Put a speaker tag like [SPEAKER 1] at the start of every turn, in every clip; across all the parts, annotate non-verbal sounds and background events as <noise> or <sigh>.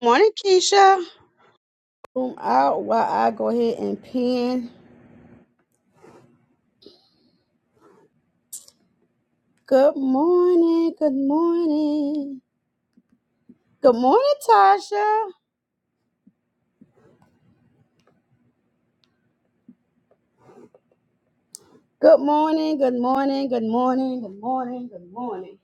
[SPEAKER 1] Morning, Keisha. Room out while I go ahead and pin. Good morning. Good morning. Good morning, Tasha. Good morning. Good morning. Good morning. Good morning. Good morning.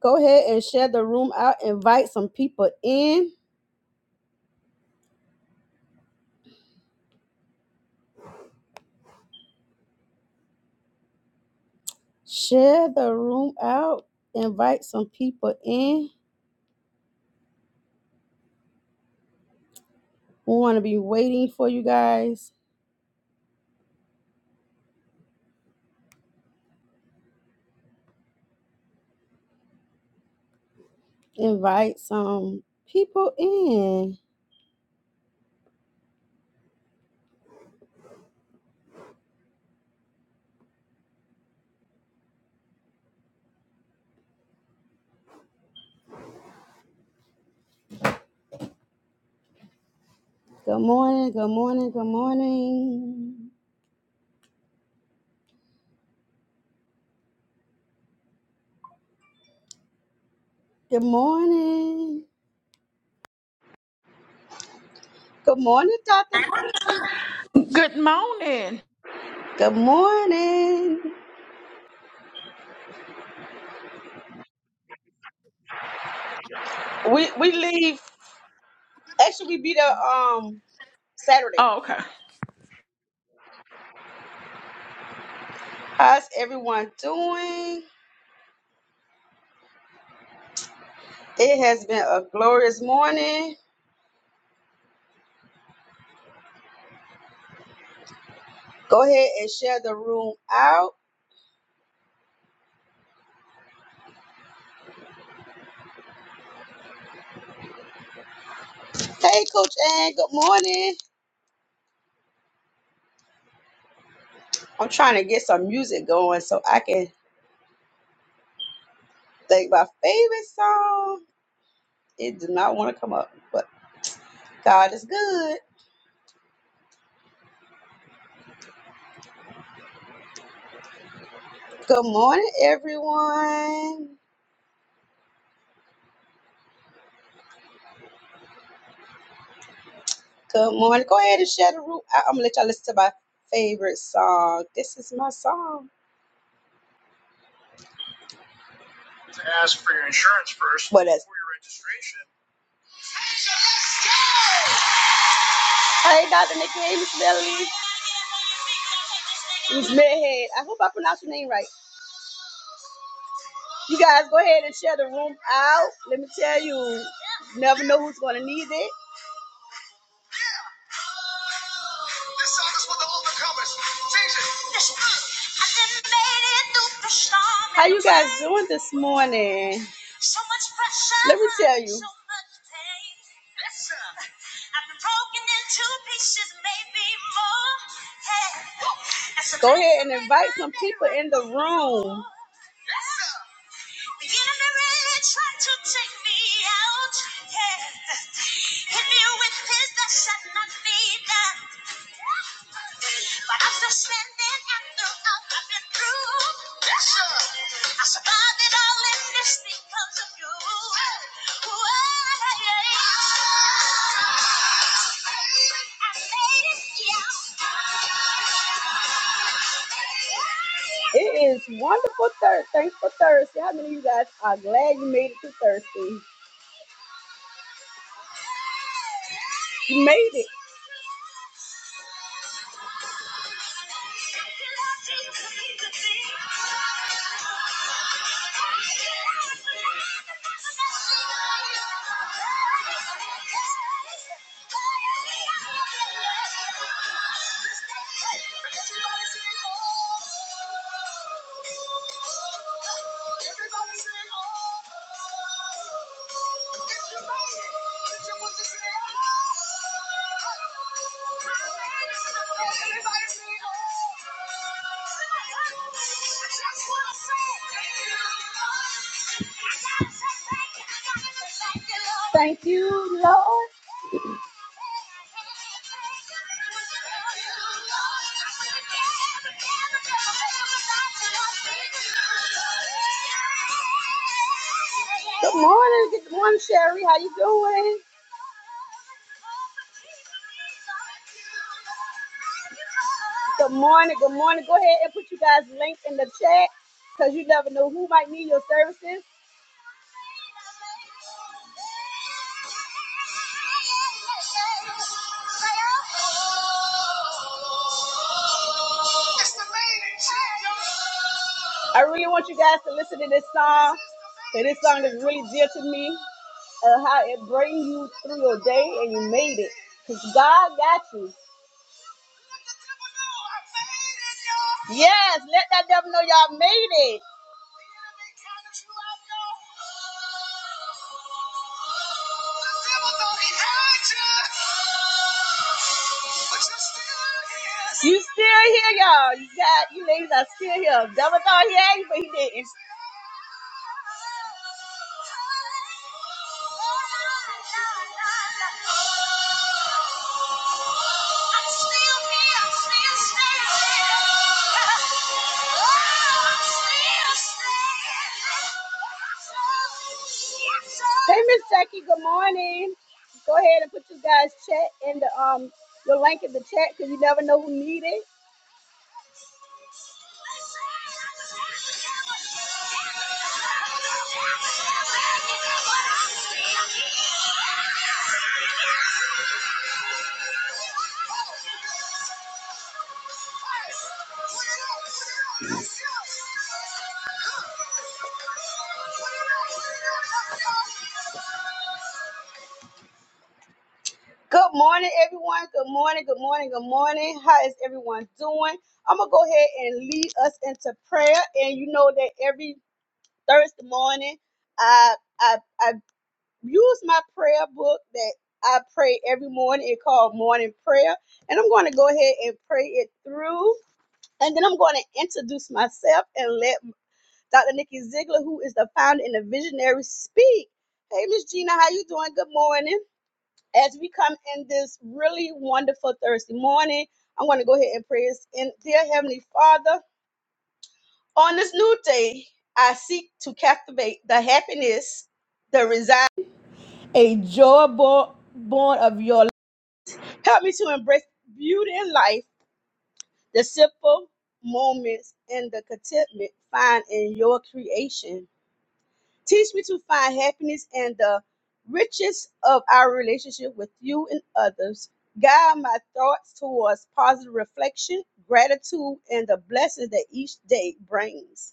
[SPEAKER 1] Go ahead and share the room out. Invite some people in. Share the room out. Invite some people in. We want to be waiting for you guys. Invite some people in. Good morning. Good morning. Good morning. Good morning. Good morning, Doctor.
[SPEAKER 2] Good morning.
[SPEAKER 1] Good morning. We we leave. Actually, we be there um Saturday.
[SPEAKER 2] Oh, okay.
[SPEAKER 1] How's everyone doing? It has been a glorious morning. Go ahead and share the room out. Hey, Coach Ann. Good morning. I'm trying to get some music going so I can think my favorite song. It did not want to come up, but God is good. Good morning, everyone. Good morning. Go ahead and share the room. I- I'm gonna let y'all listen to my favorite song. This is my song. To ask for your insurance first. What is? For your registration. Hey, Dr. Nikki, hey, Miss Melanie, Miss Medhead. I hope I pronounced your name right. You guys go ahead and share the room out. Let me tell you, you never know who's gonna need it. overcomers. How you guys doing this morning? So much pressure. Let me tell you. So much pain. Listen. I've been broken into pieces, maybe more. Hey. Go ahead and invite some people in the room. Listen. The enemy really tried to take me out. Yeah. Hit me with his best shot, not me down. But I'm still standing after all I've been through. Yes, sir. I survived it all in this because of you. Whoa, yeah, yeah. I made it, yeah. It is wonderful Thursday. Thanks for Thursday. How many of you guys are glad you made it to Thursday? You made it. Everybody's in Thank you, Lord. Good morning, good morning, Sherry. How you doing? Good morning, good morning. Go ahead and put you guys' link in the chat because you never know who might need your services. I really want you guys to listen to this song. And this song is really dear to me. Uh, how it brings you through your day and you made it. Because God got you. Yes, let that devil know y'all made it. The devil thought he had you. You still here, y'all. You got you ladies are still here. Devil thought he had you, but he didn't. Hey, Miss Jackie. Good morning. Go ahead and put you guys chat in the um the link in the chat because you never know who need it. Good morning, everyone. Good morning. Good morning. Good morning. How is everyone doing? I'm gonna go ahead and lead us into prayer. And you know that every Thursday morning, I I, I use my prayer book that I pray every morning. It's called Morning Prayer. And I'm going to go ahead and pray it through. And then I'm going to introduce myself and let Dr. Nikki Ziegler, who is the founder and the visionary, speak. Hey, Miss Gina, how you doing? Good morning. As we come in this really wonderful Thursday morning, I'm going to go ahead and pray. And dear Heavenly Father, on this new day, I seek to captivate the happiness, that resides. a joy bo- born of your life. help me to embrace beauty in life the simple moments and the contentment found in your creation teach me to find happiness and the riches of our relationship with you and others guide my thoughts towards positive reflection gratitude and the blessings that each day brings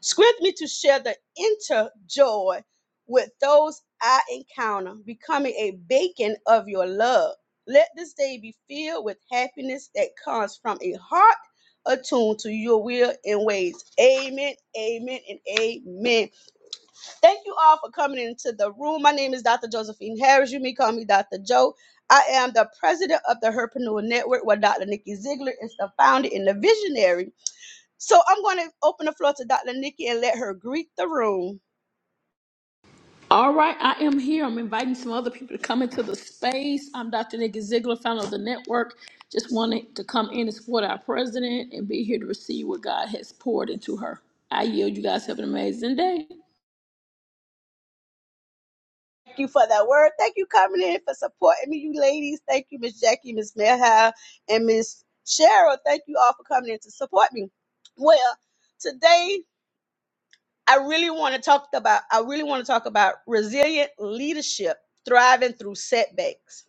[SPEAKER 1] Script me to share the inner joy with those I encounter, becoming a beacon of your love. Let this day be filled with happiness that comes from a heart attuned to your will and ways. Amen, amen, and amen. Thank you all for coming into the room. My name is Dr. Josephine Harris. You may call me Dr. Joe. I am the president of the Herpreneur Network, where Dr. Nikki Ziegler is the founder and the visionary so I'm going to open the floor to Dr. Nikki and let her greet the room.
[SPEAKER 2] All right, I am here. I'm inviting some other people to come into the space. I'm Dr. Nikki Ziegler, founder of the network. Just wanted to come in and support our president and be here to receive what God has poured into her. I yield. You guys have an amazing day.
[SPEAKER 1] Thank you for that word. Thank you coming in for supporting me, you ladies. Thank you, Miss Jackie, Miss Melha, and Miss Cheryl. Thank you all for coming in to support me. Well, today I really want to talk about I really want to talk about resilient leadership thriving through setbacks.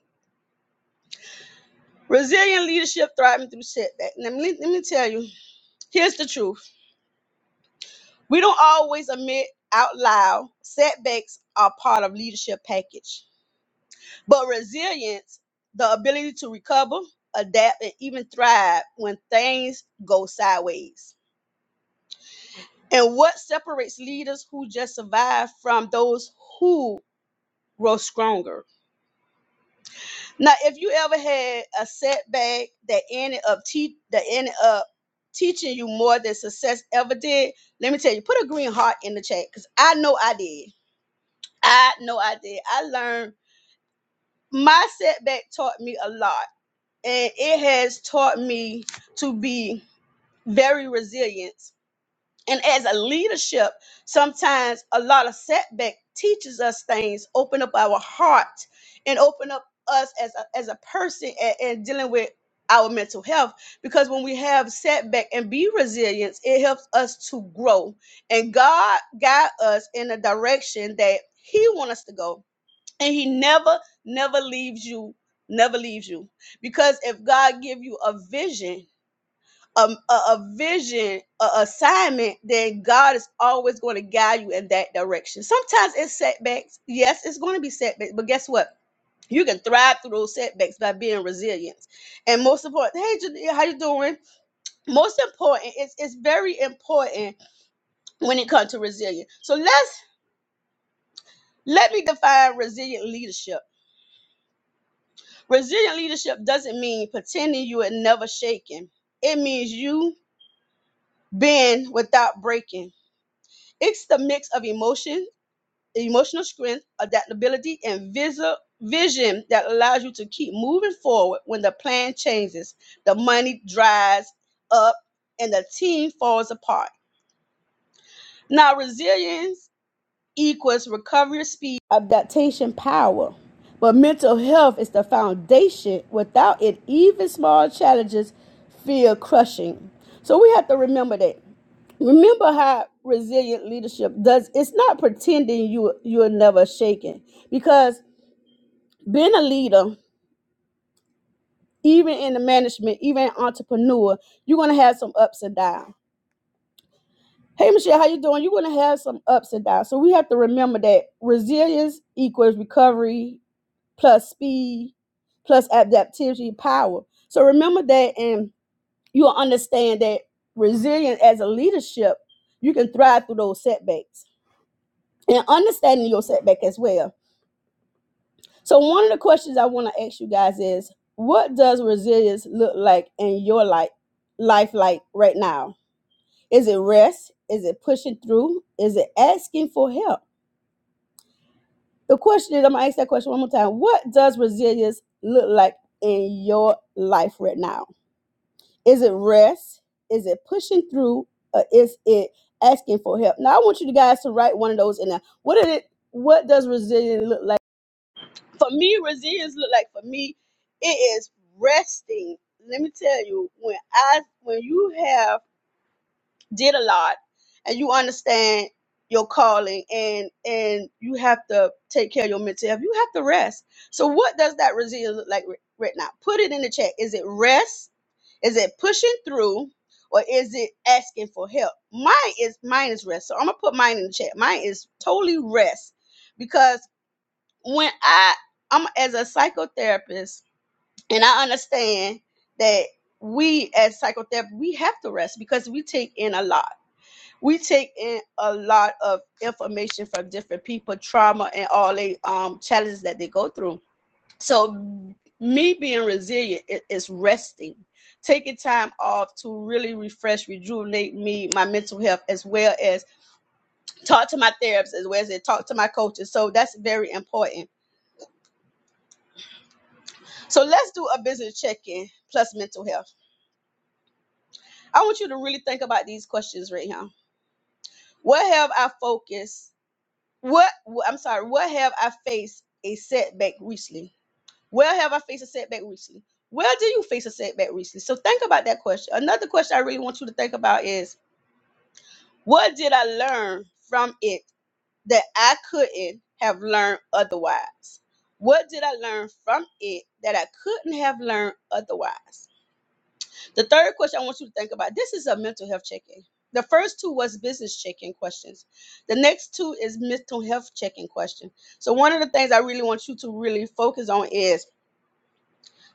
[SPEAKER 1] Resilient leadership thriving through setbacks. Let me, let me tell you, here's the truth. We don't always admit out loud setbacks are part of leadership package But resilience, the ability to recover, adapt, and even thrive when things go sideways. And what separates leaders who just survive from those who grow stronger? Now, if you ever had a setback that ended up te- that ended up teaching you more than success ever did, let me tell you, put a green heart in the chat because I know I did. I know I did. I learned my setback taught me a lot and it has taught me to be very resilient. And as a leadership, sometimes a lot of setback teaches us things, open up our heart, and open up us as a, as a person and, and dealing with our mental health. Because when we have setback and be resilient, it helps us to grow. And God guide us in a direction that He wants us to go and he never never leaves you never leaves you because if god give you a vision um, a, a vision a assignment then god is always going to guide you in that direction sometimes it's setbacks yes it's going to be setbacks but guess what you can thrive through those setbacks by being resilient and most important hey Janae, how you doing most important it's, it's very important when it comes to resilience so let's let me define resilient leadership Resilient leadership doesn't mean pretending you were never shaken. It means you bend without breaking. It's the mix of emotion, emotional strength, adaptability, and visi- vision that allows you to keep moving forward when the plan changes, the money dries up, and the team falls apart. Now, resilience equals recovery speed, adaptation power. But mental health is the foundation. Without it, even small challenges feel crushing. So we have to remember that. Remember how resilient leadership does. It's not pretending you you're never shaken. Because being a leader, even in the management, even an entrepreneur, you're gonna have some ups and downs. Hey Michelle, how you doing? You're gonna have some ups and downs. So we have to remember that resilience equals recovery plus speed plus adaptivity power. So remember that and you'll understand that resilience as a leadership, you can thrive through those setbacks and understanding your setback as well. So one of the questions I want to ask you guys is what does resilience look like in your life life like right now? Is it rest? Is it pushing through? Is it asking for help? The question is, I'm gonna ask that question one more time. What does resilience look like in your life right now? Is it rest? Is it pushing through? Or is it asking for help? Now I want you guys to write one of those in there. What did it what does resilience look like? For me, resilience look like for me, it is resting. Let me tell you, when I when you have did a lot and you understand your calling and and you have to take care of your mental health you have to rest so what does that resilience look like ri- right now put it in the chat is it rest is it pushing through or is it asking for help mine is mine is rest so i'm gonna put mine in the chat mine is totally rest because when i i'm as a psychotherapist and i understand that we as psychotherapists we have to rest because we take in a lot we take in a lot of information from different people, trauma and all the um, challenges that they go through. So me being resilient is resting, taking time off to really refresh, rejuvenate me, my mental health, as well as talk to my therapist, as well as talk to my coaches. So that's very important. So let's do a business check-in plus mental health. I want you to really think about these questions right now. Where have I focused? What wh- I'm sorry, where have I faced a setback recently? Where have I faced a setback recently? Where do you face a setback recently? So think about that question. Another question I really want you to think about is what did I learn from it that I couldn't have learned otherwise? What did I learn from it that I couldn't have learned otherwise? The third question I want you to think about this is a mental health check in. The first two was business check in questions. The next two is mental health check in question. So, one of the things I really want you to really focus on is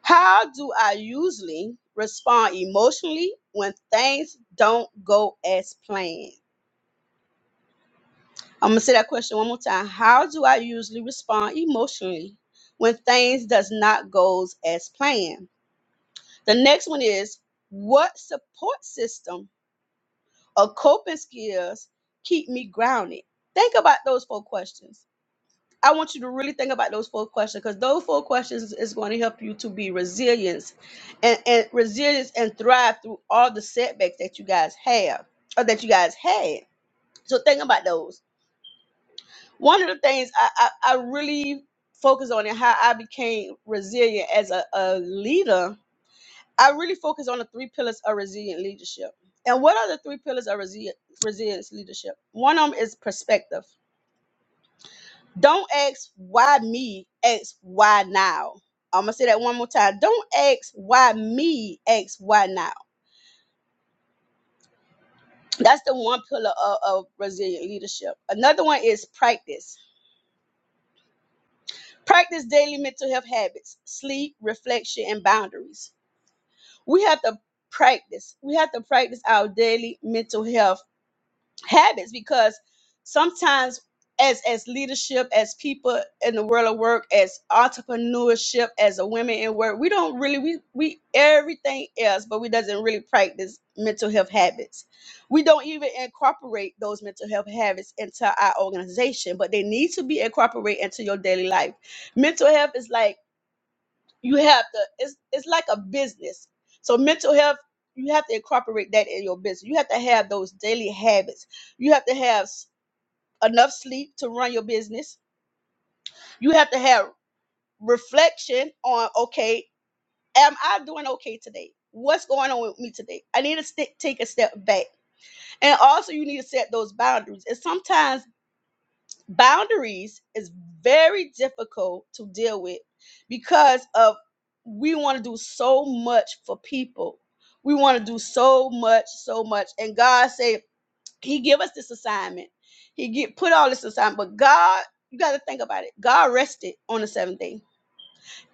[SPEAKER 1] how do I usually respond emotionally when things don't go as planned? I'm gonna say that question one more time. How do I usually respond emotionally when things does not goes as planned? The next one is what support system or coping skills keep me grounded? Think about those four questions. I want you to really think about those four questions because those four questions is going to help you to be resilient and, and resilience and thrive through all the setbacks that you guys have or that you guys had. So think about those. One of the things I, I, I really focus on and how I became resilient as a, a leader I really focus on the three pillars of resilient leadership. And what are the three pillars of resilient resilience leadership? One of them is perspective. Don't ask why me, ask why now. I'm gonna say that one more time. Don't ask why me, ask why now. That's the one pillar of, of resilient leadership. Another one is practice. Practice daily mental health habits, sleep, reflection, and boundaries. We have to practice. We have to practice our daily mental health habits because sometimes as as leadership as people in the world of work as entrepreneurship as a women in work we don't really we we everything else but we doesn't really practice mental health habits we don't even incorporate those mental health habits into our organization but they need to be incorporated into your daily life mental health is like you have to it's it's like a business so mental health you have to incorporate that in your business you have to have those daily habits you have to have s- enough sleep to run your business you have to have reflection on okay am i doing okay today what's going on with me today i need to st- take a step back and also you need to set those boundaries and sometimes boundaries is very difficult to deal with because of we want to do so much for people we want to do so much so much and god said he give us this assignment he get put all this assignment but god you got to think about it god rested on the seventh day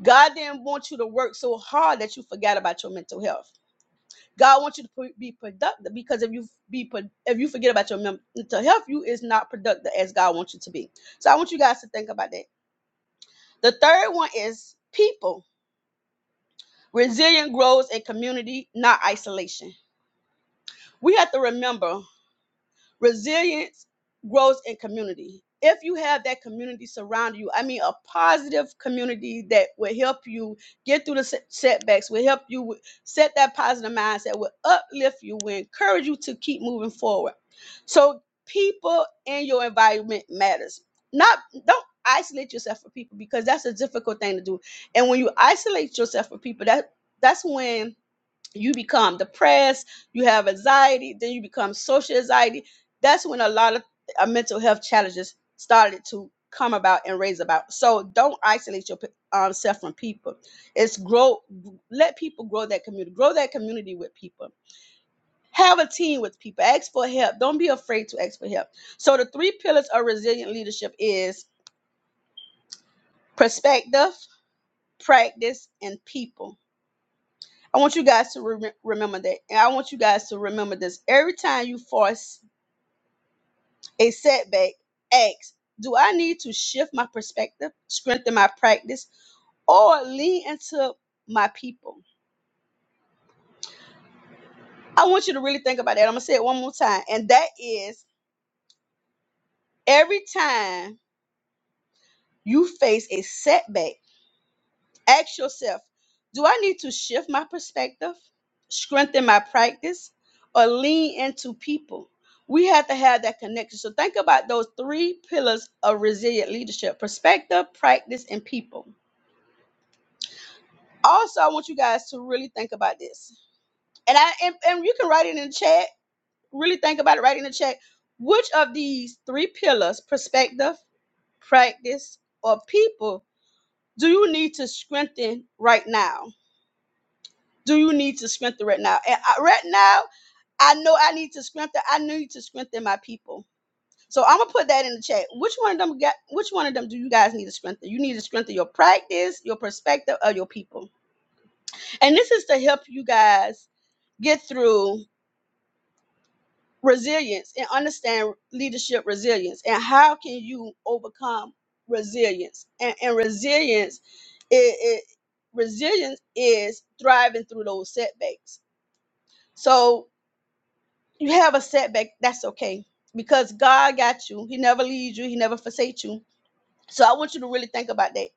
[SPEAKER 1] god didn't want you to work so hard that you forgot about your mental health God wants you to be productive because if you be if you forget about your men- mental health, you is not productive as God wants you to be. So I want you guys to think about that. The third one is people. resilience grows in community, not isolation. We have to remember Resilience grows in community. If you have that community surrounding you, I mean, a positive community that will help you get through the set- setbacks, will help you with- set that positive mindset, will uplift you, will encourage you to keep moving forward. So, people and your environment matters. Not don't isolate yourself from people because that's a difficult thing to do. And when you isolate yourself from people, that that's when you become depressed, you have anxiety, then you become social anxiety. That's when a lot of uh, mental health challenges started to come about and raise about. So don't isolate yourself um, from people. It's grow, let people grow that community, grow that community with people. Have a team with people. Ask for help. Don't be afraid to ask for help. So the three pillars of resilient leadership is perspective, practice, and people I want you guys to rem remember that. And I want you guys to remember this. Every time you force a setback, ask, do I need to shift my perspective, strengthen my practice, or lean into my people? I want you to really think about that. I'm going to say it one more time. And that is every time you face a setback, Ask yourself do I need to shift my perspective, strengthen my practice, or lean into people? We have to have that connection. So think about those three pillars of resilient leadership perspective, practice, and people. Also, I want you guys to really think about this. And I and, and you can write it in the chat. Really think about it, write in the chat. Which of these three pillars, perspective, practice, or people, do you need to strengthen right now? do you need to strengthen right now? And I, right now, I know I need to strengthen. I need to strengthen my people. So I'm gonna put that in the chat. Which one of them got? Which one of them do you guys need to strengthen? You need to strengthen your practice, your perspective of your people, and this is to help you guys get through resilience and understand leadership resilience and how can you overcome resilience and, and resilience it, it resilience is thriving through those setbacks so you have a setback, that's okay because God got you. He never leaves you. He never forsakes you. So I want you to really think about that.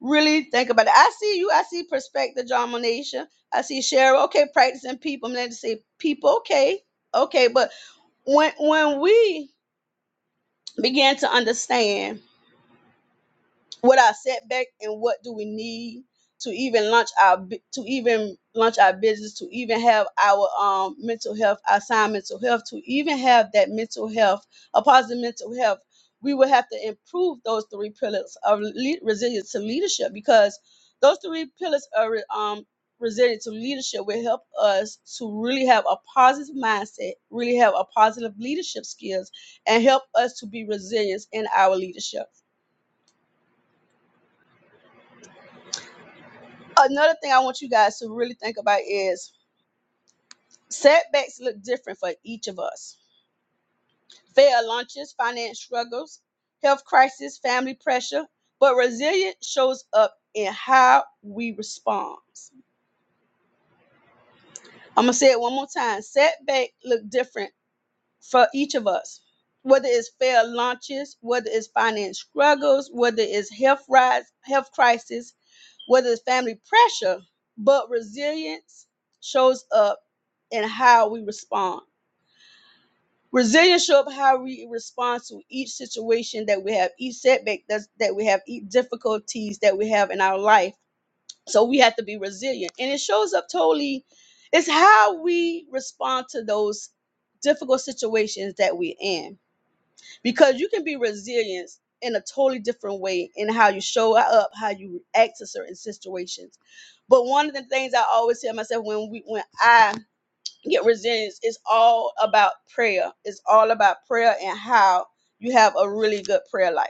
[SPEAKER 1] Really think about it. I see you. I see perspective, John Monasia. I see Cheryl. Okay, practicing people. I'm going to say people. Okay, okay. But when when we begin to understand. what our setback and what do we need to even launch our bu- to even launch our business to even have our um mental health our sound mental health to even have that mental health a positive mental health we will have to improve those three pillars of le- resilience to leadership because those three pillars of re- um resilience to leadership will help us to really have a positive mindset really have a positive leadership skills and help us to be resilient in our leadership Another thing I want you guys to really think about is setbacks look different for each of us. Failed launches, finance struggles, health crisis, family pressure, but resilience shows up in how we respond. I'm gonna say it one more time. Setback look different for each of us. Whether it's failed launches, whether it's finance struggles, whether it's health rise, health crisis, whether it's family pressure, but resilience shows up in how we respond. Resilience show up how we respond to each situation that we have, each setback that's, that we have, each difficulties that we have in our life. So we have to be resilient. And it shows up totally, it's how we respond to those difficult situations that we're in. Because you can be resilient in a totally different way in how you show up, how you react to certain situations. But one of the things I always tell myself when we when I get resilience It's all about prayer. It's all about prayer and how you have a really good prayer life.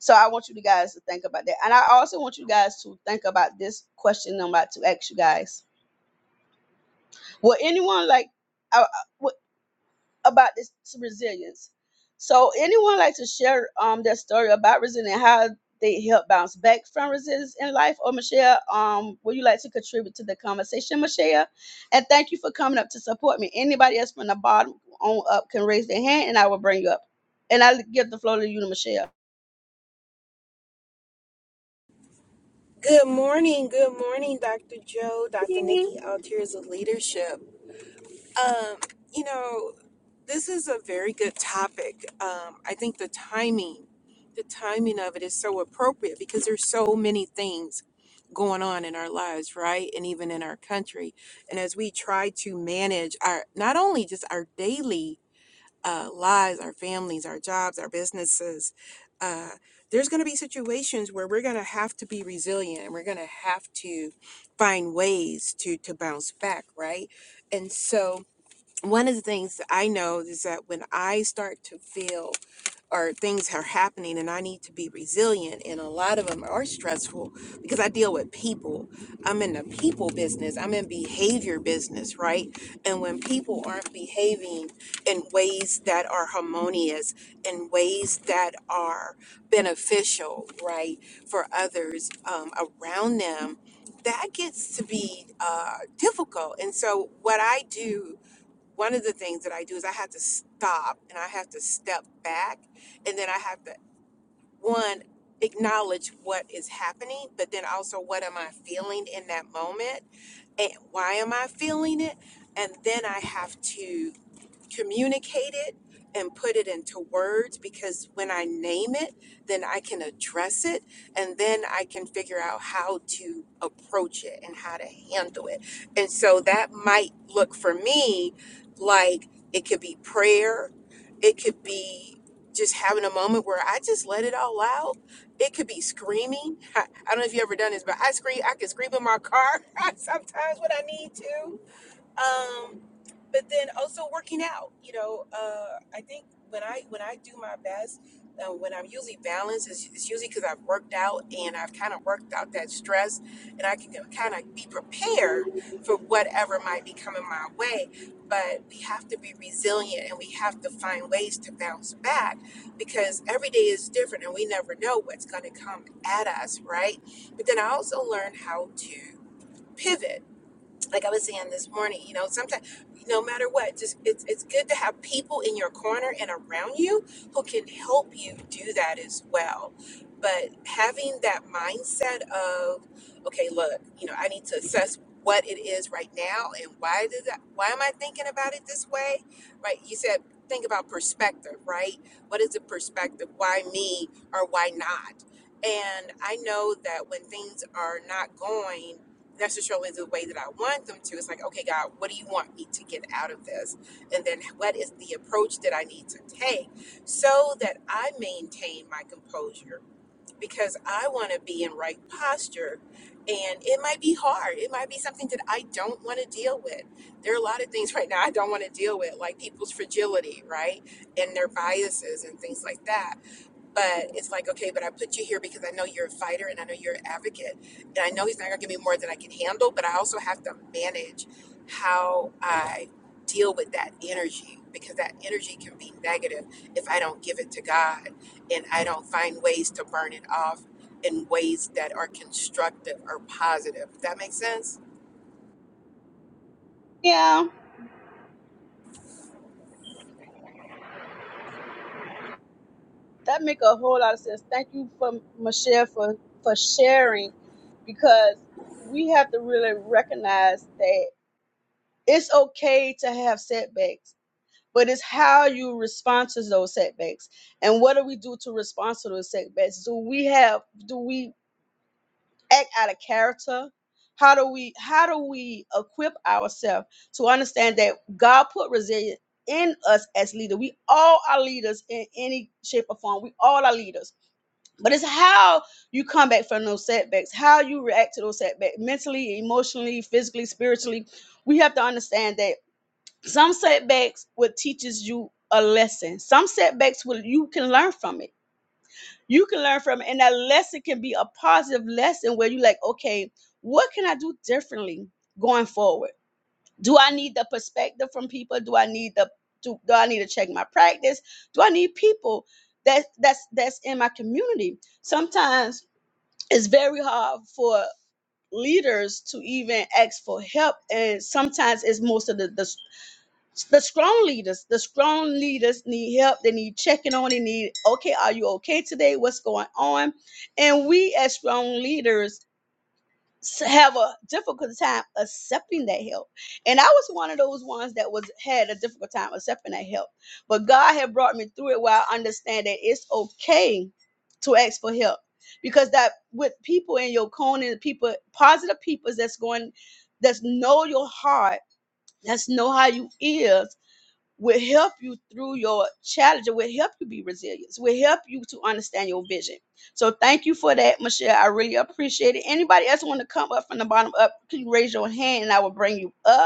[SPEAKER 1] So I want you to guys to think about that. And I also want you guys to think about this question I'm about to ask you guys. Would anyone like uh, about this resilience. So, anyone like to share um their story about resilience and how they help bounce back from resilience in life? Or Michelle, um, would you like to contribute to the conversation, Michelle? And thank you for coming up to support me. Anybody else from the bottom on up can raise their hand, and I will bring you up. And I'll give the floor to you, to Michelle.
[SPEAKER 3] Good morning, good morning, Dr. Joe, Dr. Nikki, Altiers of Leadership. Um, you know, this is a very good topic. Um, I think the timing, the timing of it is so appropriate because there's so many things going on in our lives, right? And even in our country. And as we try to manage our not only just our daily uh, lives, our families, our jobs, our businesses. Uh, there's going to be situations where we're going to have to be resilient and we're going to have to find ways to to bounce back, right? And so one of the things that I know is that when I start to feel or things are happening and I need to be resilient and a lot of them are stressful because I deal with people. I'm in the people business. I'm in behavior business, right? And when people aren't behaving in ways that are harmonious in ways that are beneficial, right, for others um, around them, that gets to be uh, difficult. And so what I do one of the things that I do is I have to stop and I have to step back and then I have to one acknowledge what is happening but then also what am I feeling in that moment and why am I feeling it and then I have to communicate it and put it into words because when I name it, then I can address it and then I can figure out how to approach it and how to handle it. And so that might look for me like it could be prayer, it could be just having a moment where I just let it all out. It could be screaming. <laughs> I, don't know if you ever done this, but I scream. I can scream in my car <laughs> sometimes when I need to um but then also working out you know uh i think when i when i do my best uh, when i'm usually balanced it's, it's usually because i've worked out and i've kind of worked out that stress and i can kind of be prepared for whatever might be coming my way but we have to be resilient and we have to find ways to bounce back because every day is different and we never know what's going to come at us right but then i also learned how to pivot like I was saying this morning, you know, sometimes no matter what, just it's it's good to have people in your corner and around you who can help you do that as well. But having that mindset of, okay, look, you know, I need to assess what it is right now and why did I, why am I thinking about it this way? Right? You said think about perspective, right? What is the perspective? Why me or why not? And I know that when things are not going necessarily the way that I want them to. It's like, okay, God, what do you want me to get out of this? And then what is the approach that I need to take so that I maintain my composure? Because I want to be in right posture. And it might be hard. It might be something that I don't want to deal with. There are a lot of things <laughs> right now I don't want to deal with, like people's fragility, right? And their biases and things like that. But it's like, okay, but I put you here because I know you're a fighter and I know you're an advocate. And I know he's not going to give me more than I can handle, but I also have to manage how I deal with that energy because that energy can be negative if I don't give it to God and I don't find ways to burn it off in ways that are constructive or positive. Does that make sense?
[SPEAKER 1] Yeah, that make a whole lot of sense. Thank you for Michelle for for sharing, because we have to really recognize that. it's okay to have setbacks, but it's how you respond to those setbacks. And what do we do to respond to those setbacks? Do we have do we act out of character? How do we how do we equip ourselves to understand that God put resilience in us as leaders? We all are leaders in any shape or form. We all are leaders. But it's how you come back from those setbacks, how you react to those setbacks mentally, emotionally, physically, spiritually. We have to understand that some setbacks will teaches you a lesson. Some setbacks will you can learn from it. You can learn from it, and that lesson can be a positive lesson where you like, okay, what can I do differently going forward? Do I need the perspective from people? Do I need the do, do I need to check my practice? Do I need people that that's that's in my community? Sometimes it's very hard for leaders to even ask for help and sometimes it's most of the, the the strong leaders the strong leaders need help they need checking on they need okay are you okay today what's going on and we as strong leaders s- have a difficult time accepting that help and i was one of those ones that was had a difficult time accepting that help but god had brought me through it where i understand that it's okay to ask for help because that with people in your corner the people positive people that's going that's know your heart that's know how you is will help you through your challenge. It will help you be resilient. It will help you to understand your vision. So thank you for that, Michelle. I really appreciate it. Anybody else want to come up from the bottom up? Can you raise your hand and I will bring you up?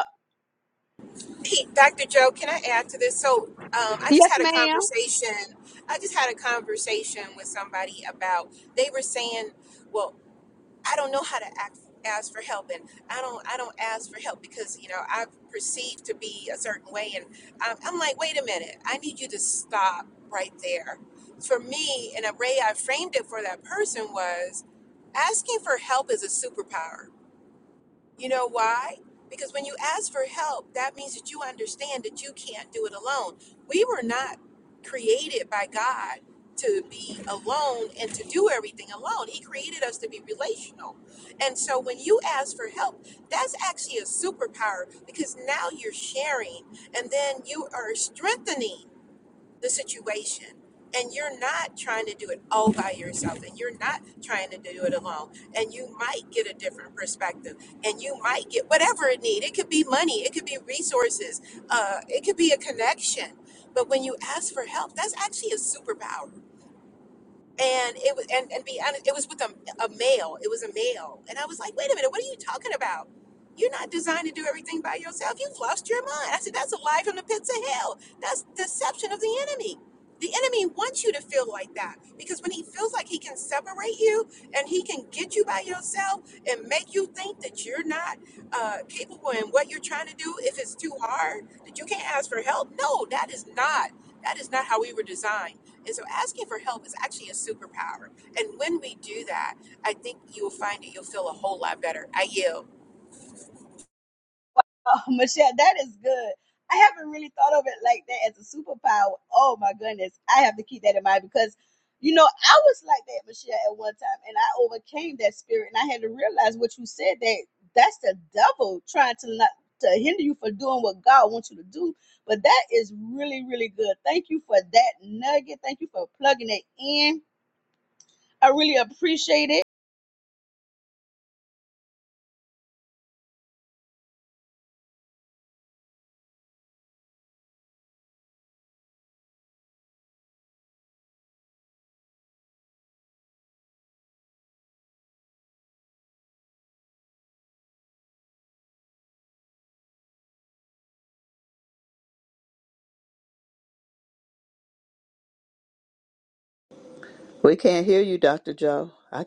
[SPEAKER 3] Hey, Dr. Joe, can I add to this? So, um, I just had a conversation. I just had a conversation with somebody about they were saying, "Well, I don't know how to act, ask for help, and I don't, I don't ask for help because you know I'm perceived to be a certain way." And I'm, I'm like, "Wait a minute! I need you to stop right there." For me, and the way I framed it for that person was, asking for help is a superpower you know why? Because when you ask for help, that means that you understand that you can't do it alone. We were not created by God to be alone and to do everything alone. He created us to be relational. And so when you ask for help, that's actually a superpower because now you're sharing and then you are strengthening the situation and you're not trying to do it all by yourself and you're not trying to do it alone and you might get a different perspective and you might get whatever it need it could be money it could be resources uh, it could be a connection but when you ask for help that's actually a superpower and it was and, and be honest it was with a, a male it was a male and i was like wait a minute what are you talking about you're not designed to do everything by yourself you've lost your mind i said that's a lie from the pits of hell that's deception of the enemy the enemy wants you to feel like that because when he feels like he can separate you and he can get you by yourself and make you think that you're not uh, capable in what you're trying to do if it's too hard that you can't ask for help no that is not that is not how we were designed and so asking for help is actually a superpower. And when we do that, I think you'll find that you'll feel a whole lot better. I yield. <laughs>
[SPEAKER 1] <laughs> Oh, Michelle, that is good. I haven't really thought of it like that as a superpower. Oh my goodness, I have to keep that in mind because, you know, I was like that, Michelle, at one time, and I overcame that spirit, and I had to realize what you said that that's the devil trying to not to hinder you from doing what God wants you to do. But that is really, really good. Thank you for that nugget. Thank you for plugging it in. I really appreciate it.
[SPEAKER 4] We can't hear you, Dr. Joe. I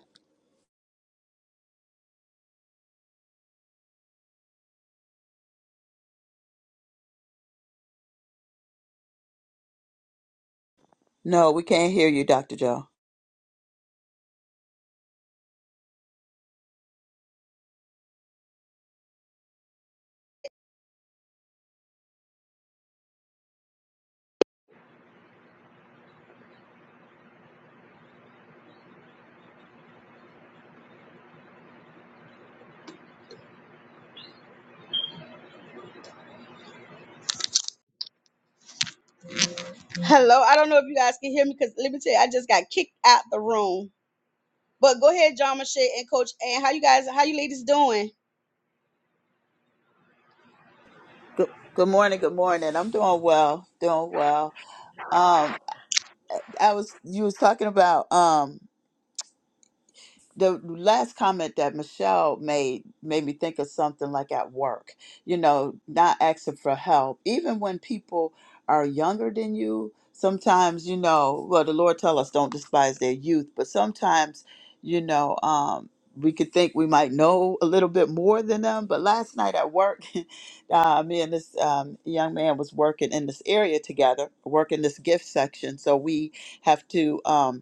[SPEAKER 4] no, we can't hear you, Dr. Joe.
[SPEAKER 1] Hello, I don't know if you guys can hear me because let me tell you, I just got kicked out the room. But go ahead, John Mache and Coach Ann. How you guys, how you ladies doing?
[SPEAKER 4] Good, good morning, good morning. I'm doing well, doing well. Um, I was you was talking about um the last comment that Michelle made made me think of something like at work, you know, not asking for help. Even when people are younger than you, sometimes, you know, well, the Lord tell us don't despise their youth, but sometimes, you know, um, we could think we might know a little bit more than them. But last night at work, <laughs> uh, me and this um, young man was working in this area together, working this gift section. So we have to. Um,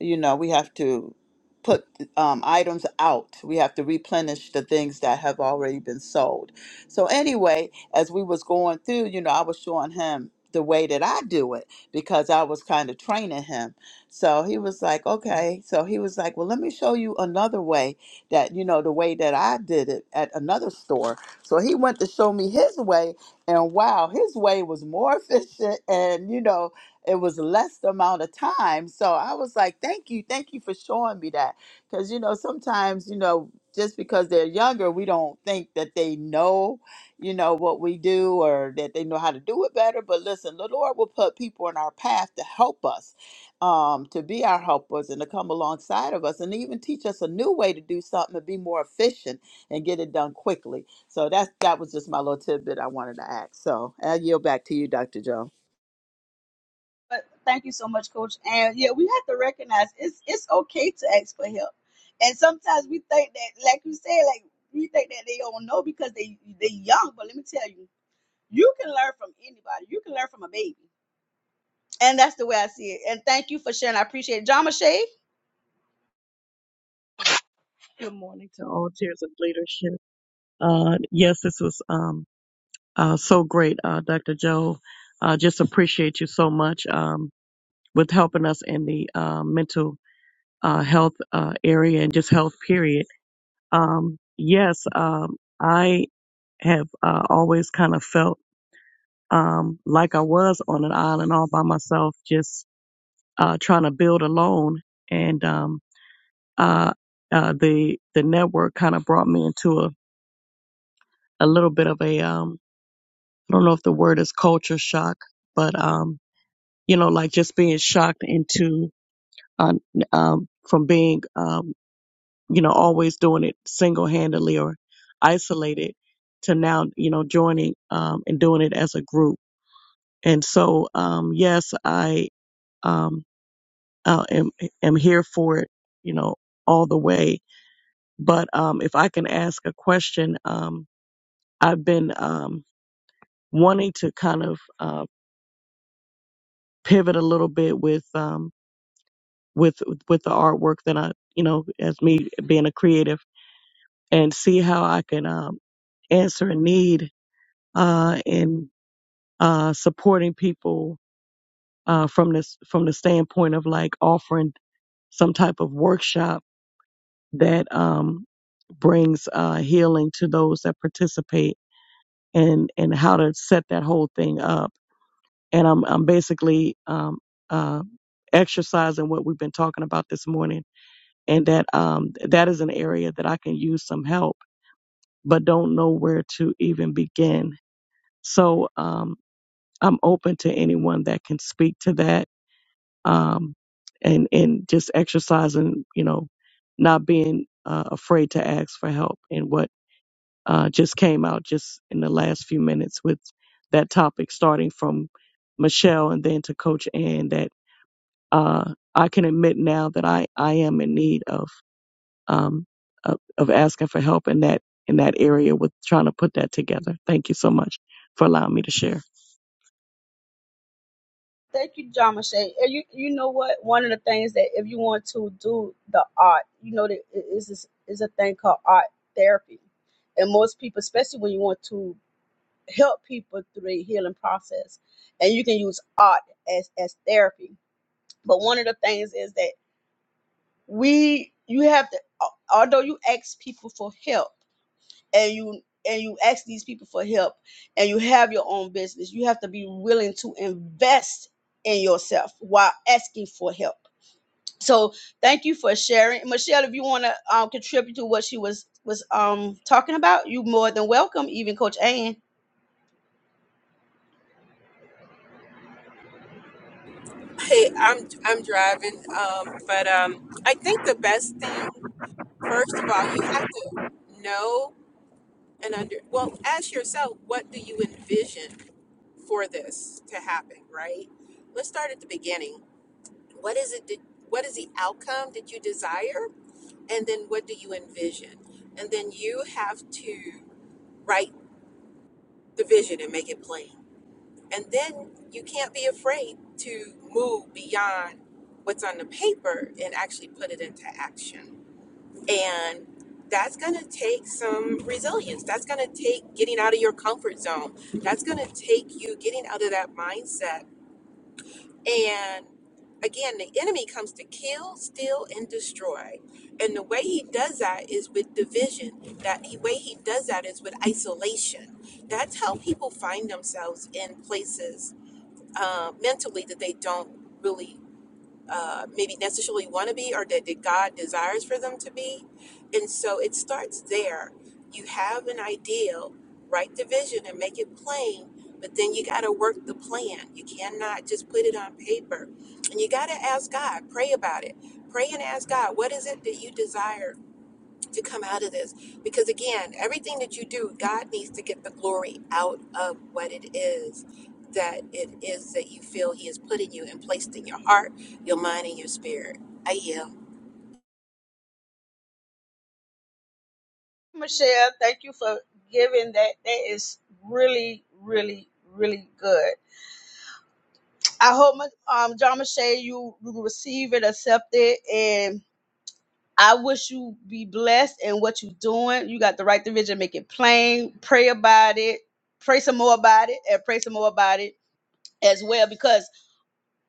[SPEAKER 4] you know we have to put um, items out we have to replenish the things that have already been sold so anyway as we was going through you know i was showing him the way that i do it because i was kind of training him so he was like okay so he was like well let me show you another way that you know the way that i did it at another store so he went to show me his way and wow his way was more <laughs> efficient and you know it was less amount of time. So I was like, thank you, thank you for showing me that. Because, you know, sometimes, you know, just because they're younger, we don't think that they know, you know, what we do or that they know how to do it better. But listen, the Lord will put people in our path to help us, um, to be our helpers and to come alongside of us and even teach us a new way to do something to be more efficient and get it done quickly. So that's that was just my little tidbit I wanted to add. So I yield back to you, Dr. Joe.
[SPEAKER 1] But thank you so much, Coach Ann. Yeah, we have to recognize it's it's okay to ask for help. And sometimes we think that, like you said, like we think that they don't know because they they young. But let me tell you, you can learn from anybody. You can learn from a baby. And that's the way I see it. And thank you for sharing. I appreciate it. John Mache.
[SPEAKER 5] Good morning to all tiers of leadership. Uh, yes, this was um, uh, so great, uh, Dr. Joe. Uh, just appreciate you so much um, with helping us in the uh, mental uh, health uh, area and just health period. Um, yes, um, I have uh, always kind of felt um, like I was on an island all by myself, just uh, trying to build alone. And um, uh, uh, the the network kind of brought me into a, a little bit of a um, I don't know if the word is culture shock, but um, you know, like just being shocked into uh, um, from being um, you know always doing it single handedly or isolated to now you know joining um, and doing it as a group. And so um, yes, I um, uh, am am here for it, you know, all the way. But um, if I can ask a question, um, I've been um, wanting to kind of uh, pivot a little bit with. Um, with with the artwork that I, you know, as me being a creative, and see how I can um, answer a need uh, in uh, supporting people uh, from this from the standpoint of like offering some type of workshop that um, brings uh, healing to those that participate, and and how to set that whole thing up. And I'm I'm basically um, uh, exercising what we've been talking about this morning and that um, that is an area that I can use some help, but don't know where to even begin. So um, I'm open to anyone that can speak to that, um, and and just exercising, you know, not being uh, afraid to ask for help. And what uh, just came out just in the last few minutes with that topic, starting from Michelle and then to Coach Ann, that uh, I can admit now that I I am in need of. um, of, of asking for help in that in that area with trying to put that together. Thank you so much for allowing me to share.
[SPEAKER 1] Thank you, John Shay. And you, you know what? One of the things that if you want to do the art, you know that it is is is a thing called art therapy, and most people, especially when you want to help people through their healing process, and you can use art as as therapy. But one of the things is that we you have to, al- although you ask people for help and you and you ask these people for help and you have your own business you have to be willing to invest in yourself while asking for help so thank you for sharing michelle if you want to um, contribute to what she was was um talking about you more than welcome even coach ann
[SPEAKER 3] Hey, I'm I'm driving, um, but um, I think the best thing, first of all, you have to know and under well, ask yourself, what do you envision for this to happen, right? Let's start at the beginning. What is it? That, what is the outcome that you desire? And then what do you envision? And then you have to write the vision and make it plain. And then you can't be afraid to move beyond what's on the paper and actually put it into action. And that's going to take some resilience. That's going to take getting out of your comfort zone. That's going to take you getting out of that mindset and again, the enemy comes to kill, steal, and destroy. And the way he does that is with division. That the way he does that is with isolation. That's how people find themselves in places uh, mentally that they don't really uh, maybe necessarily want to be or that, that God desires for them to be. And so it starts there. You have an ideal, write the vision and make it plain, but then you got to work the plan. You cannot just put it on paper. And you got to ask God, pray about it. Pray and ask God, what is it that you desire? to come out of this. Because again, everything that you do, God needs to get the glory out of what it is that it is that you feel He has put in you and placed in your heart, your mind, and your spirit. I yield.
[SPEAKER 1] michelle thank you for giving that that is really really really good i hope um john michelle you receive it accept it and. I wish you be blessed in what you're doing. You got the right division. Make it plain. Pray about it. Pray some more about it, and pray some more about it as well. Because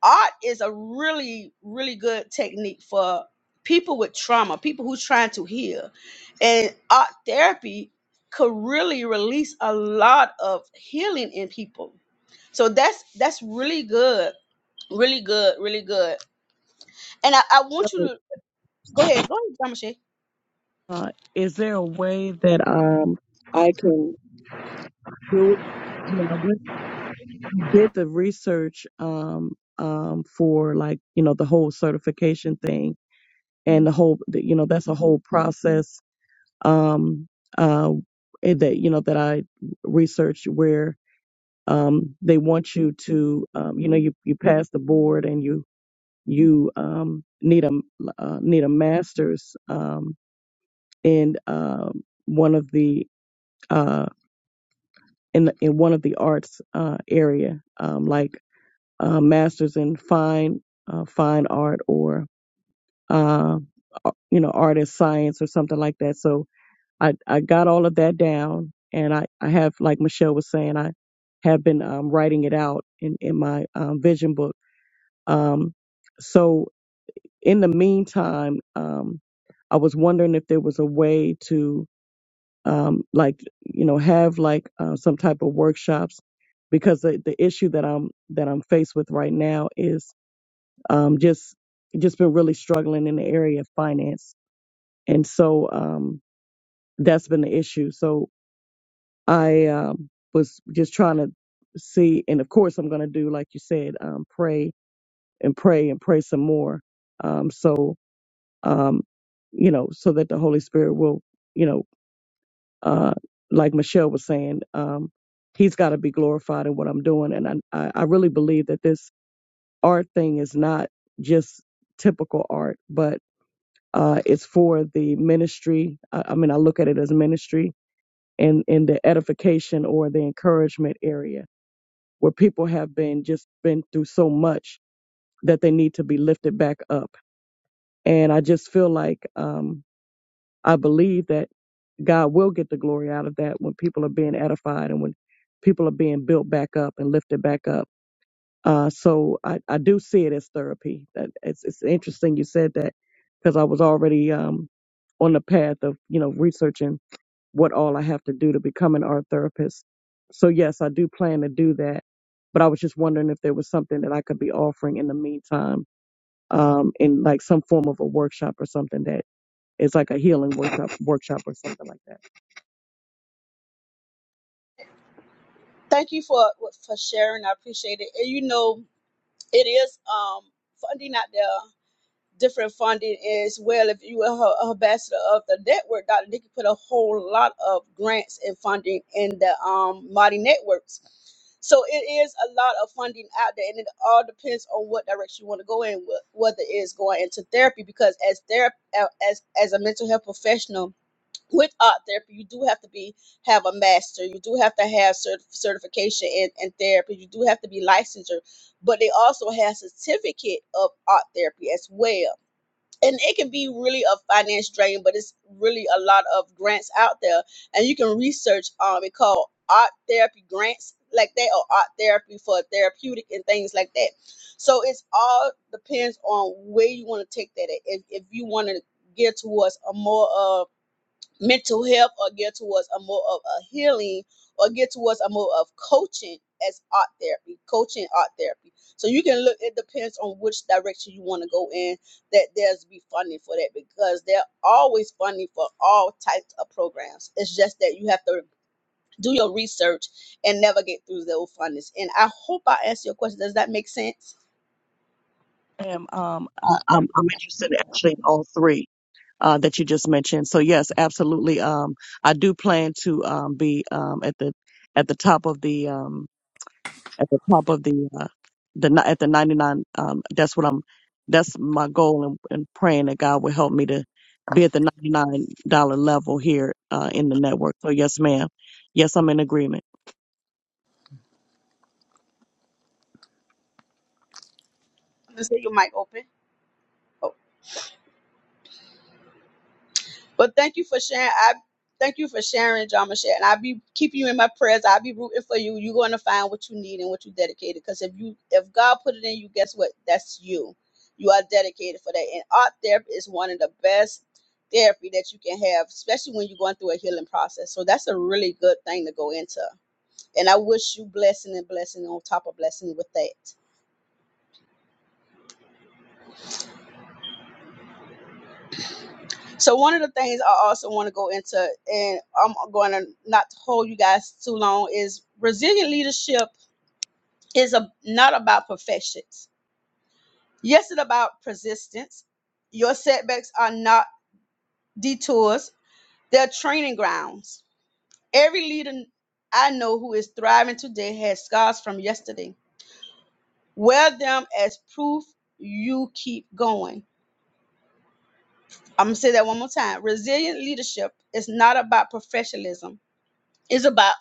[SPEAKER 1] art is a really, really good technique for people with trauma, people who's trying to heal, and art therapy could really release a lot of healing in people. So that's that's really good, really good, really good. And I, I want you to go ahead, go ahead, Thomas.
[SPEAKER 5] Uh, is there a way that um, I can do it? I mean, I went, and did the research um, um, for like you know the whole certification thing and the whole the- you know that's a whole process um, uh, eh, that you know that I researched where um, they want you to um, you know you you pass the board and you you um, need a uh, need a master's um, in um, one of the uh, in the, in one of the arts uh, area, um, like uh, masters in fine uh, fine art or uh, ar- you know art and science or something like that. So I I got all of that down, and I I have like Michelle was saying I have been um, writing it out in in my um, vision book. Um, so in the meantime, um, I was wondering if there was a way to um, like you know have like uh, some type of workshops because the, the issue that I'm that I'm faced with right now is um, just just been really struggling in the area of finance, and so um, that's been the issue. So I um, was just trying to see, and of course I'm going to do like you said, um, pray and pray and pray some more. Um, so um, you know, so that the Holy Spirit will, you know, uh, like Michelle was saying, um, he's got to be glorified in what I'm doing. And I, I I really believe that this art thing is not just typical art, but uh, it's for the ministry. I, I mean, I look at it as ministry and in the edification or the encouragement area where people have been just been through so much that they need to be lifted back up. And I just feel like um, I believe that God will get the glory out of that when people are being edified and when people are being built back up and lifted back up. Uh, so I, I do see it as therapy. That it's, it's interesting you said that because I was already um, on the path of you know researching what all I have to do to become an art therapist. So yes, I do plan to do that. But I was just wondering if there was something that I could be offering in the meantime, um, in like some form of a workshop or something that it's like a healing workshop, workshop or something like that.
[SPEAKER 1] Thank you for for sharing. I appreciate it. And you know, it is um funding out there, different funding as well. If you are a ambassador of the network, Dr. Nikki put a whole lot of grants and funding in the um Mighty Networks. So it is a lot of funding out there, and it all depends on what direction you want to go in. wh- Whether it's going into therapy, because as therapy, as as a mental health professional, with art therapy you do have to be have a master you do have to have cert- certification in, in therapy you do have to be licensure but they also have certificate of art therapy as well and it can be really a finance drain but it's really a lot of grants out there and you can research um it called art therapy grants like that or art therapy for therapeutic and things like that so it's all depends on where you want to take that at. if, if you want to get towards a more of mental health or get towards a more of a healing or get towards a more of coaching as art therapy, coaching art therapy. So you can look, it depends on which direction you want to go in, that there's be funding for that because they're always funding for all types of programs. It's just that you have to do your research and navigate through those fundings. And I hope I answered your question. Does that make sense?
[SPEAKER 5] am um I, I'm, I'm interested
[SPEAKER 1] I'm
[SPEAKER 5] actually in all three uh, that you just mentioned. So yes, absolutely. Um, I do plan to um, be um, at the at the top of the um, at the top of the uh, the ni- at the 99. Um, that's what I'm. That's my goal, and, and praying that God will help me to be at the 99 dollar level here uh, in the network. So yes, ma'am. Yes, I'm in agreement.
[SPEAKER 1] gonna say your mic open. Oh, but thank you for sharing. I thank you for sharing, John Michelle. And I'll be keeping you in my prayers. I'll be rooting for you. You're gonna find what you need and what you dedicated. Because if you if God put it in you, guess what? That's you. You are dedicated for that. And art therapy is one of the best therapy that you can have, especially when you're going through a healing process. So that's a really good thing to go into. And I wish you blessing and blessing on top of blessing with that. So one of the things I also want to go into, and I'm going to not hold you guys too long, is resilient leadership is a, not about perfections. Yes, it's about persistence. Your setbacks are not detours; they're training grounds. Every leader I know who is thriving today has scars from yesterday. Wear them as proof you keep going. I'm gonna say that one more time. Resilient leadership is not about professionalism, it's about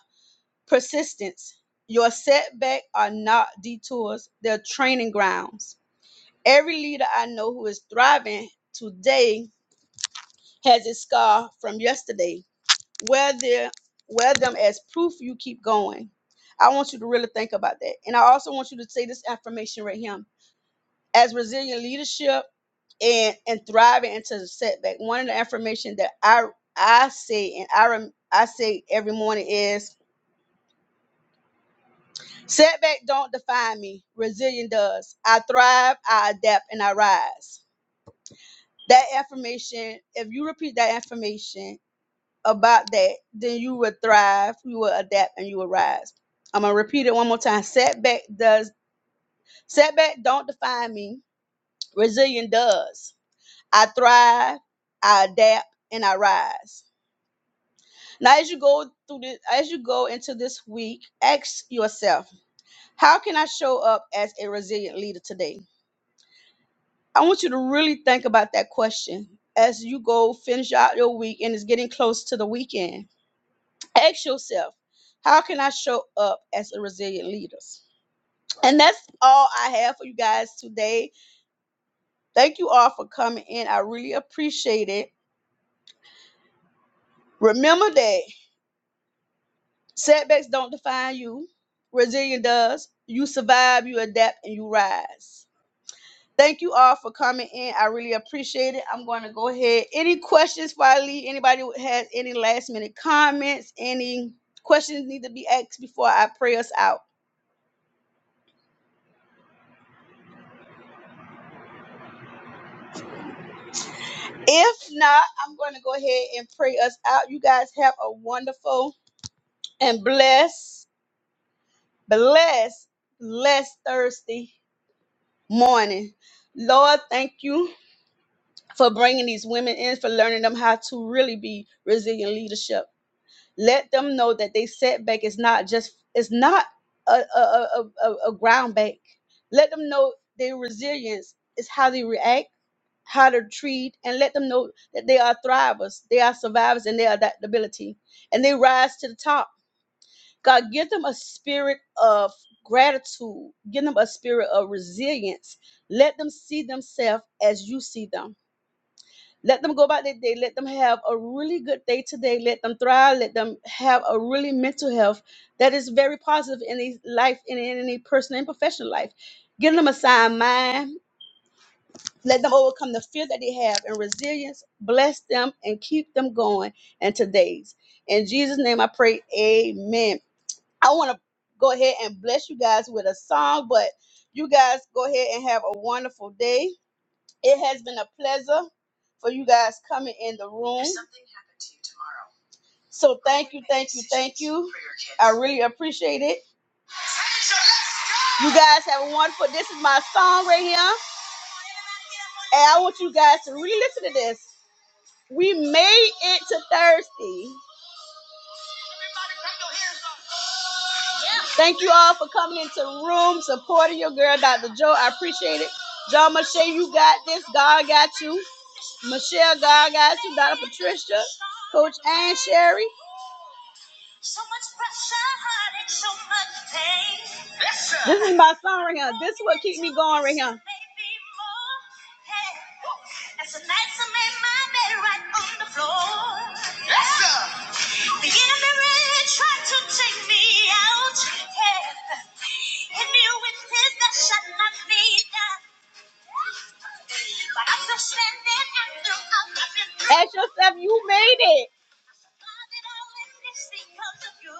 [SPEAKER 1] persistence. Your setbacks are not detours, they're training grounds. Every leader I know who is thriving today has a scar from yesterday. Wear, their, wear them as proof you keep going. I want you to really think about that. And I also want you to say this affirmation right here. As resilient leadership and and thriving into the setback. One of the affirmation that I I say and I rem, I say every morning is setback don't define me. Resilience does. I thrive, I adapt, and I rise. That affirmation, if you repeat that affirmation about that, then you will thrive, you will adapt, and you will rise. I'm gonna repeat it one more time. Setback does setback don't define me. Resilience does. I thrive, I adapt, and I rise Now, as you go through this, as you go into this week, ask yourself, how can I show up as a resilient leader today? I want you to really think about that question as you go finish out your week and it's getting close to the weekend. Ask yourself, how can I show up as a resilient leader? And that's all I have for you guys today. Thank you all for coming in. I really appreciate it. Remember that Setbacks don't define you. Resilience does. You survive, you adapt, and you rise. Thank you all for coming in. I really appreciate it. I'm going to go ahead. Any questions before I leave? Anybody has any last minute comments? Any questions need to be asked before I pray us out? If not, I'm going to go ahead and pray us out. You guys have a wonderful and blessed, blessed, blessed Thursday morning. Lord, thank you for bringing these women in, for learning them how to really be resilient leadership. Let them know that they setback is not just it's not a a, a, a, a ground back. Let them know their resilience is how they react, how they treat, and let them know that they are thrivers, they are survivors, and they are adaptability, and they rise to the top. God, give them a spirit of gratitude. Give them a spirit of resilience. Let them see themselves as you see them let them go about their day. Let them have a really good day today. Let them thrive. Let them have a really mental health that is very positive in their life and in any personal and professional life. Give them a sound mind. Let them overcome the fear that they have and resilience. Bless them and keep them going in today's. In Jesus' name I pray. Amen. I want to go ahead and bless you guys with a song, but you guys go ahead and have a wonderful day. It has been a pleasure for you guys coming in the room. something happened to you tomorrow. So thank you, thank you, thank you. I really appreciate it. You guys have a wonderful. This is my song right here, and I want you guys to re-listen to this. We made it to Thursday. Thank you all for coming into the room, supporting your girl, Dr. Joe. I appreciate it. John Michelle, you got this. God got you. Michelle, God got you. Dr. Patricia, Coach Ann Sherry. This is my song right here. This is what keep me going right here. As the nights I made my bed right on the floor. The enemy tried to take me out. Yeah. And you with that shut my feet down. But I'm still standing after all I've been through. Ask yourself, you made it. you.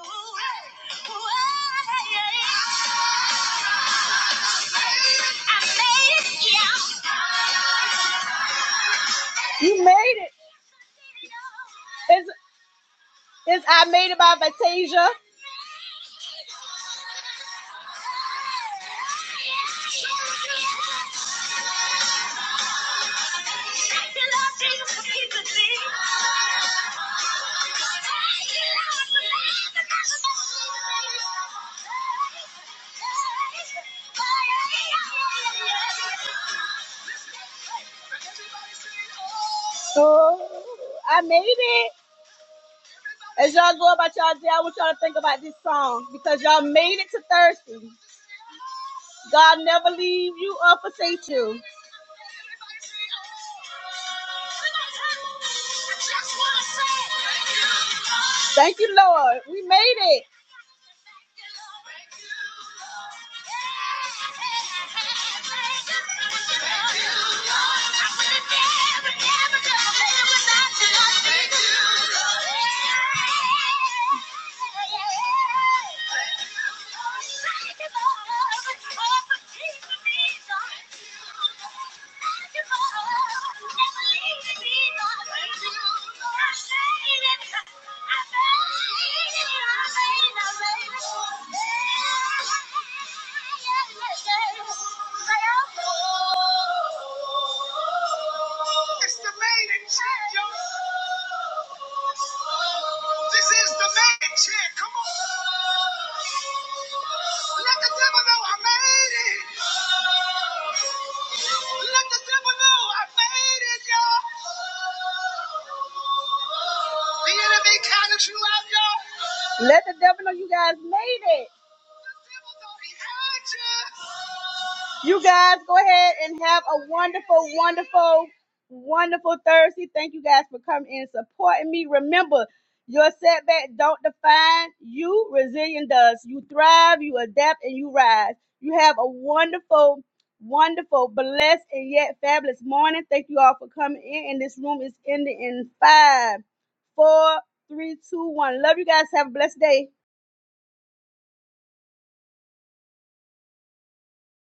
[SPEAKER 1] made yeah. You made it. It's, it's I Made It by Fantasia. Oh, I made it. As y'all go about y'all day, I want y'all to think about this song because y'all made it to Thursday. God never leave you or forsake you. Thank you, Lord. We made it. It's the main intent, yo. This is the main intent. Come on. Let the devil know I made it. Let the devil know I made it, y'all. The enemy counted you out, y'all. Let the devil know you guys made it. The devil thought he had you. You guys go ahead and have a wonderful, wonderful, wonderful Thursday. Thank you guys for coming and supporting me. Remember, your setback don't define you. Resilience does. You thrive, you adapt, and you rise. You have a wonderful, wonderful, blessed, and yet fabulous morning. Thank you all for coming in. And this room is ending in five, four, three, two, one. Love you guys. Have a blessed day.